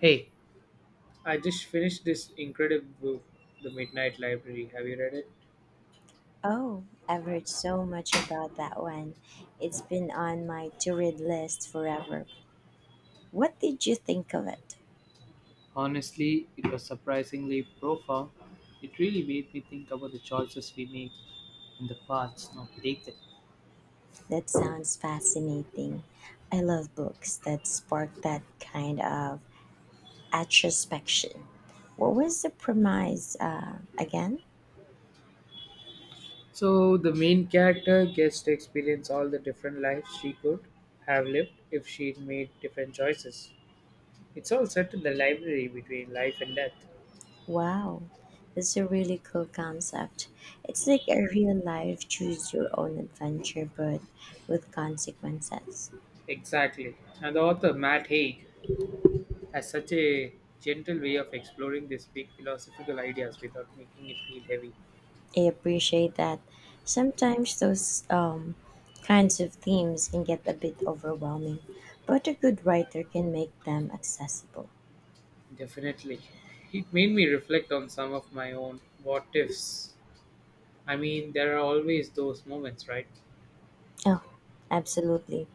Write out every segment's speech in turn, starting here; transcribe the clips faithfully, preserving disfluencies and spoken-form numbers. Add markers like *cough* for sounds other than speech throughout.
Hey, I just finished this incredible book, The Midnight Library. Have you read it? Oh, I've heard so much about that one. It's been on my to read list forever. What did you think of it? Honestly, it was surprisingly profound. It really made me think about the choices we make and the paths not taken. That sounds fascinating. I love books that spark that kind of introspection. What was the premise uh, again? So, the main character gets to experience all the different lives she could have lived if she'd made different choices. It's all set in the library between life and death. Wow, that's a really cool concept. It's like a real life choose your own adventure, but with consequences. Exactly. And the author, Matt Haig, has such a gentle way of exploring these big philosophical ideas without making it feel heavy. I appreciate that. Sometimes those um, kinds of themes can get a bit overwhelming, but a good writer can make them accessible. Definitely. It made me reflect on some of my own what ifs. I mean, there are always those moments, right? Oh, absolutely.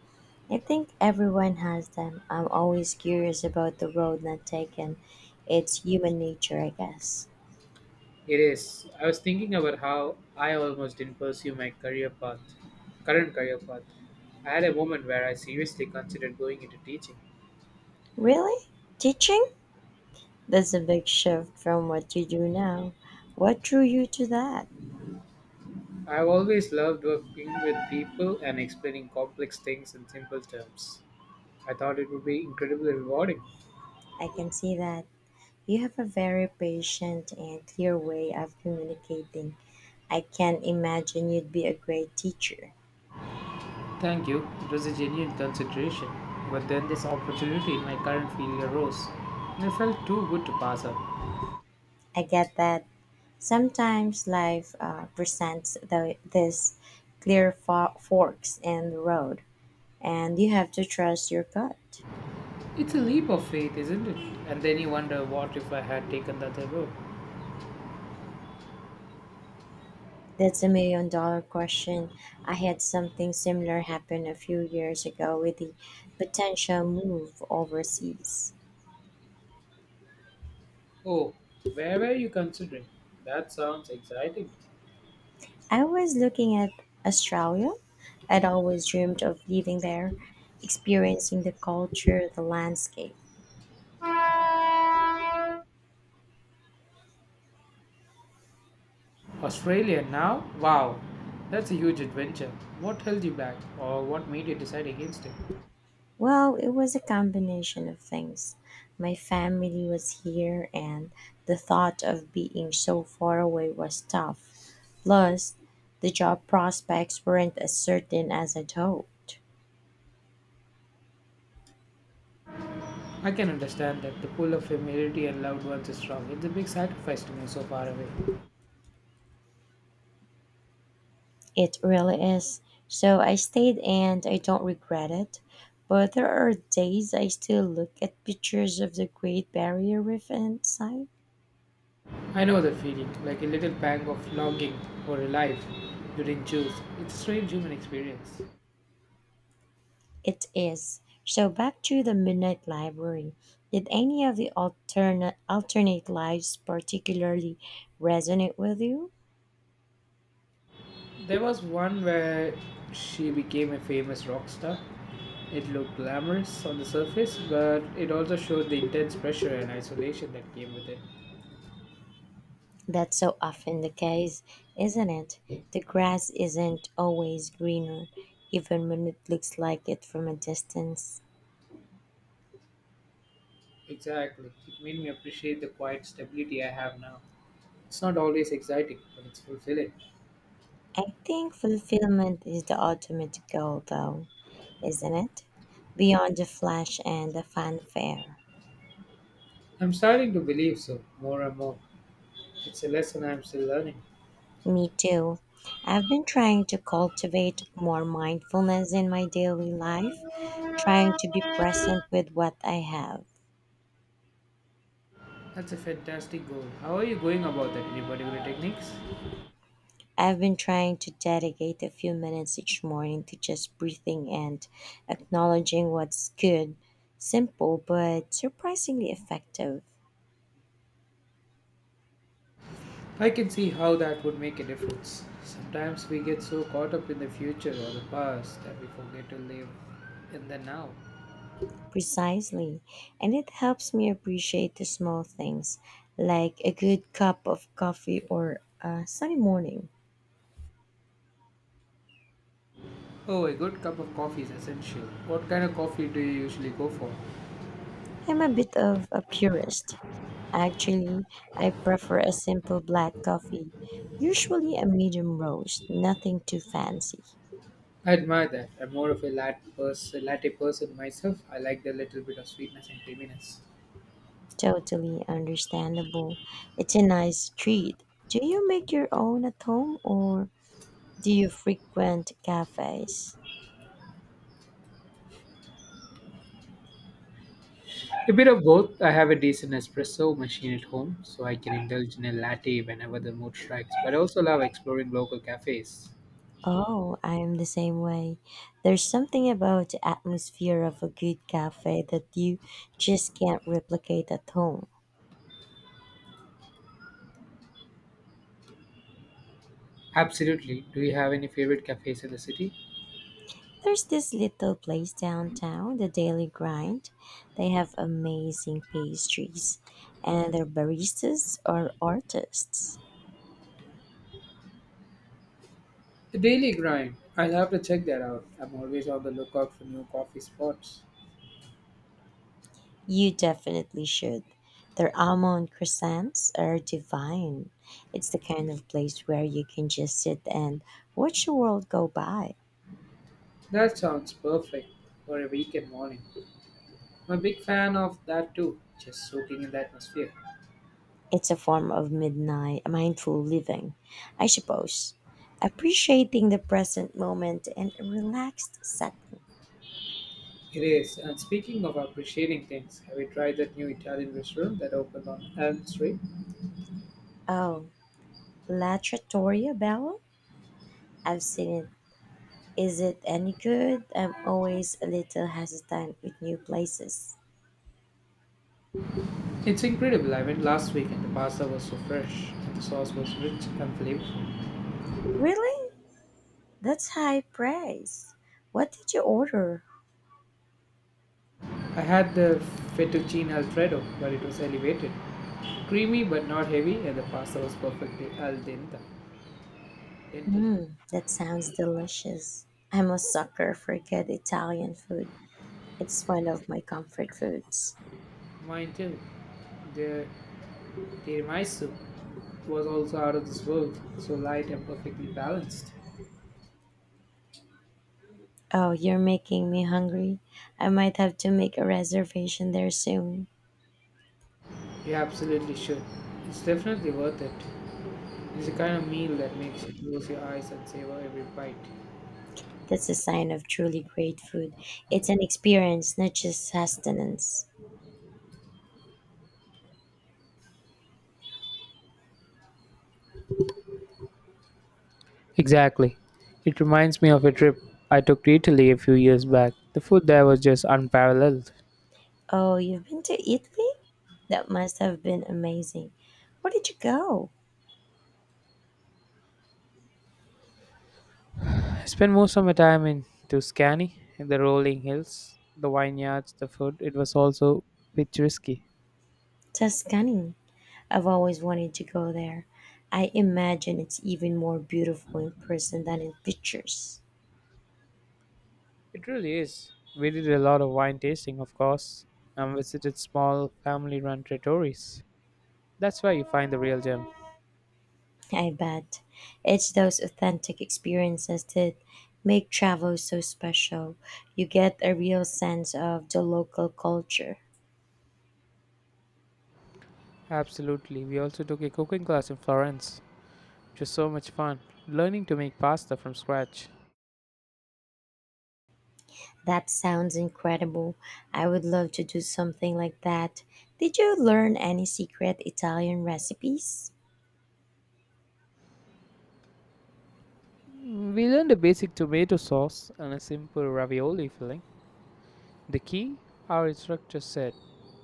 I think everyone has them. I'm always curious about the road not taken. It's human nature, I guess. It is. I was thinking about how I almost didn't pursue my career path, current career path. I had a moment where I seriously considered going into teaching. Really? Teaching? That's a big shift from what you do now. What drew you to that? I've always loved working with people and explaining complex things in simple terms. I thought it would be incredibly rewarding. I can see that. You have a very patient and clear way of communicating. I can imagine you'd be a great teacher. Thank you. It was a genuine consideration. But then this opportunity in my current field arose, and it felt too good to pass up. I get that sometimes life uh, presents the, this clear fo- forks in the road, and you have to trust your gut. It's a leap of faith, isn't it? And then you wonder what if I had taken the other road? That's a million dollar question. I had something similar happen a few years ago with the potential move overseas. Oh, where were you considering? That sounds exciting. I was looking at Australia. I'd always dreamed of living there, experiencing the culture, the landscape. Australia now? Wow, that's a huge adventure. What held you back, or what made you decide against it? Well, it was a combination of things. My family was here, and the thought of being so far away was tough. Plus, the job prospects weren't as certain as I'd hoped. I can understand that the pull of familiarity and loved ones is strong. It's a big sacrifice to move so far away. It really is. So I stayed and I don't regret it. But there are days I still look at pictures of the Great Barrier Reef and sigh. I know the feeling, like a little pang of longing for a life you didn't choose. It's a strange human experience. It is. So back to the Midnight Library. Did any of the alternate alternate lives particularly resonate with you? There was one where she became a famous rock star. It looked glamorous on the surface, but it also showed the intense pressure and isolation that came with it. That's so often the case, isn't it? The grass isn't always greener, even when it looks like it from a distance. Exactly. It made me appreciate the quiet stability I have now. It's not always exciting, but it's fulfilling. I think fulfillment is the ultimate goal, though, isn't it? Beyond the flash and the fanfare. I'm starting to believe so, more and more. It's a lesson I'm still learning. Me too. I've been trying to cultivate more mindfulness in my daily life, trying to be present with what I have. That's a fantastic goal. How are you going about that? Any particular techniques? I've been trying to dedicate a few minutes each morning to just breathing and acknowledging what's good. Simple, but surprisingly effective. I can see how that would make a difference. Sometimes we get so caught up in the future or the past that we forget to live in the now. Precisely. And it helps me appreciate the small things, like a good cup of coffee or a sunny morning. Oh, a good cup of coffee is essential. What kind of coffee do you usually go for? I'm a bit of a purist. Actually, I prefer a simple black coffee, usually a medium roast, nothing too fancy. I admire that. I'm more of a latte, pers- latte person myself. I like the little bit of sweetness and creaminess. Totally understandable. It's a nice treat. Do you make your own at home or do you frequent cafes? A bit of both. I have a decent espresso machine at home, so I can indulge in a latte whenever the mood strikes, but I also love exploring local cafes. Oh, I'm the same way. There's something about the atmosphere of a good cafe that you just can't replicate at home. Absolutely. Do you have any favorite cafes in the city? There's this little place downtown, the Daily Grind. They have amazing pastries, and their baristas are artists. The Daily Grind. I'll have to check that out. I'm always on the lookout for new coffee spots. You definitely should. Their almond croissants are divine. It's the kind of place where you can just sit and watch the world go by. That sounds perfect for a weekend morning. I'm a big fan of that too, just soaking in the atmosphere. It's a form of midnight mindful living, I suppose, appreciating the present moment in a relaxed setting. It is. And speaking of appreciating things, have you tried that new Italian restaurant that opened on Elm Street? Oh, La Trattoria Bella? I've seen it. Is it any good? I'm always a little hesitant with new places. It's incredible. I went last week and the pasta was so fresh and the sauce was rich and flavorful. Really? That's high praise. What did you order? I had the fettuccine alfredo, but it was elevated. Creamy but not heavy and the pasta was perfectly al dente. dente. Mmm, that sounds delicious. I'm a sucker for good Italian food. It's one of my comfort foods. Mine too. The tiramisu was also out of this world, so light and perfectly balanced. Oh, you're making me hungry. I might have to make a reservation there soon. You absolutely should. It's definitely worth it. It's the kind of meal that makes you close your eyes and savor every bite. That's a sign of truly great food. It's an experience, not just sustenance. Exactly. It reminds me of a trip I took to Italy a few years back. The food there was just unparalleled. Oh, you've been to Italy? That must have been amazing. Where did you go? I spent most of my time in Tuscany, in the rolling hills, the vineyards, the food. It was also picturesque. It Tuscany. I've always wanted to go there. I imagine it's even more beautiful in person than in pictures. really is. We did a lot of wine tasting, of course, and visited small family run trattorias. That's where you find the real gem. I bet. It's those authentic experiences that make travel so special. You get a real sense of the local culture. Absolutely. We also took a cooking class in Florence, which was so much fun, learning to make pasta from scratch. That sounds incredible. I would love to do something like that. Did you learn any secret Italian recipes? Mm, We learned a basic tomato sauce and a simple ravioli filling. The key, our instructor said,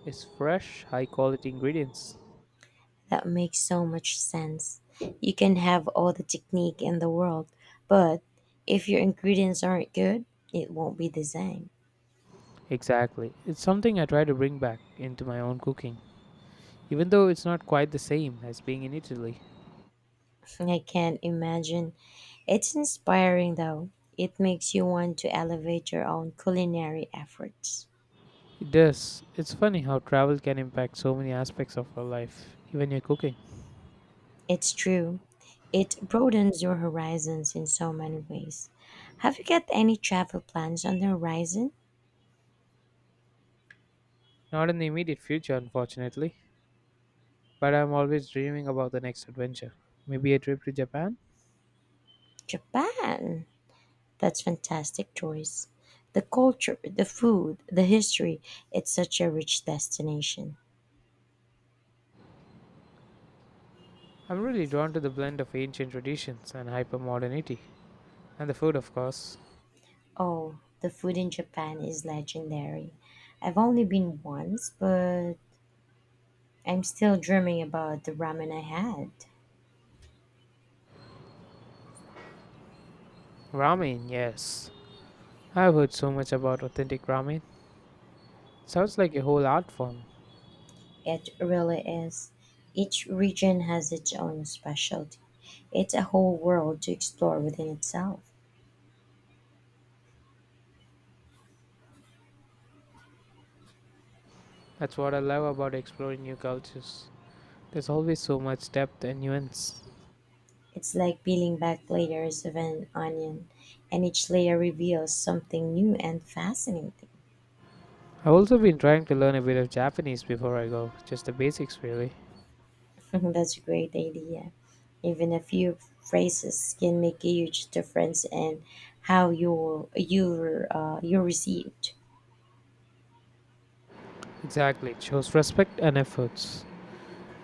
is fresh, high quality ingredients. That makes so much sense. You can have all the technique in the world, but if your ingredients aren't good, it won't be the same. Exactly. It's something I try to bring back into my own cooking, even though it's not quite the same as being in Italy. I can't imagine. It's inspiring though. It makes you want to elevate your own culinary efforts. It does. It's funny how travel can impact so many aspects of our life, even your cooking. It's true. It broadens your horizons in so many ways. Have you got any travel plans on the horizon? Not in the immediate future, unfortunately, but I'm always dreaming about the next adventure. Maybe a trip to Japan? Japan. That's fantastic choice. The culture, the food, the history, it's such a rich destination. I'm really drawn to the blend of ancient traditions and hypermodernity. And the food, of course. Oh, the food in Japan is legendary. I've only been once, but I'm still dreaming about the ramen I had. Ramen, yes. I've heard so much about authentic ramen. Sounds like a whole art form. It really is. Each region has its own specialty. It's a whole world to explore within itself. That's what I love about exploring new cultures. There's always so much depth and nuance. It's like peeling back layers of an onion, and each layer reveals something new and fascinating. I've also been trying to learn a bit of Japanese before I go, just the basics really. *laughs* That's a great idea. Even a few phrases can make a huge difference in how you're, you're, uh, you're received. Exactly, it shows respect and efforts.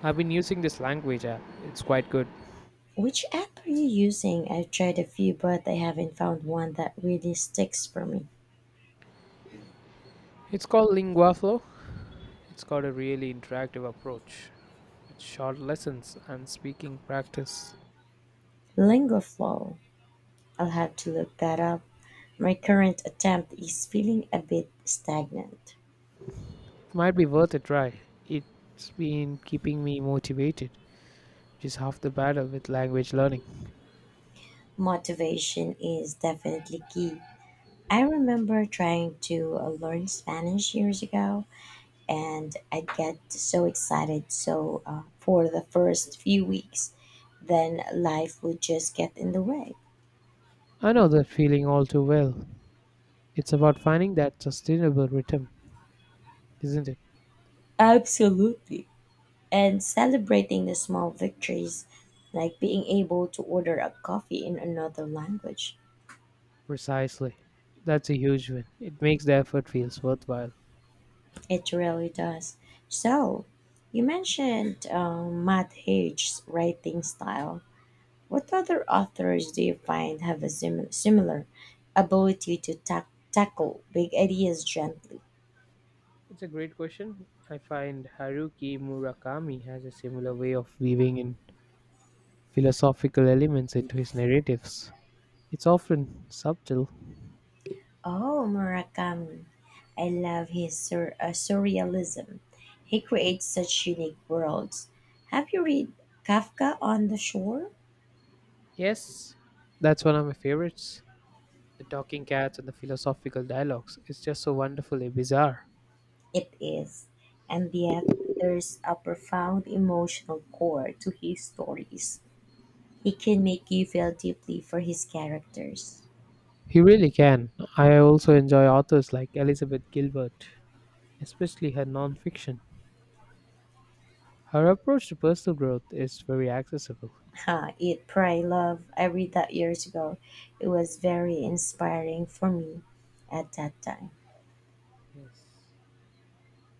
I've been using this language app, it's quite good. Which app are you using? I've tried a few, but I haven't found one that really sticks for me. It's called LinguaFlow. It's got a really interactive approach with short lessons and speaking practice. Lingoflow. I'll have to look that up. My current attempt is feeling a bit stagnant. Might be worth a try. It's been keeping me motivated, which is half the battle with language learning. Motivation is definitely key. I remember trying to uh, learn Spanish years ago, and I'd get so excited so uh, for the first few weeks, then life would just get in the way. I know that feeling all too well. It's about finding that sustainable rhythm, isn't it? Absolutely. And celebrating the small victories, like being able to order a coffee in another language. Precisely. That's a huge win. It makes the effort feels worthwhile. It really does. So, you mentioned um, Matt Haig's writing style. What other authors do you find have a sim- similar ability to tack tackle big ideas gently? It's a great question. I find Haruki Murakami has a similar way of weaving in philosophical elements into his narratives. It's often subtle. Oh, Murakami. I love his sur- uh, surrealism. He creates such unique worlds. Have you read Kafka on the Shore? Yes, that's one of my favorites. The talking cats and the philosophical dialogues. It's just so wonderfully bizarre. It is, and yet there's a profound emotional core to his stories. He can make you feel deeply for his characters. He really can. I also enjoy authors like Elizabeth Gilbert, especially her nonfiction. Her approach to personal growth is very accessible. Ha, Eat, Pray, Love, I read that years ago. It was very inspiring for me at that time. Yes.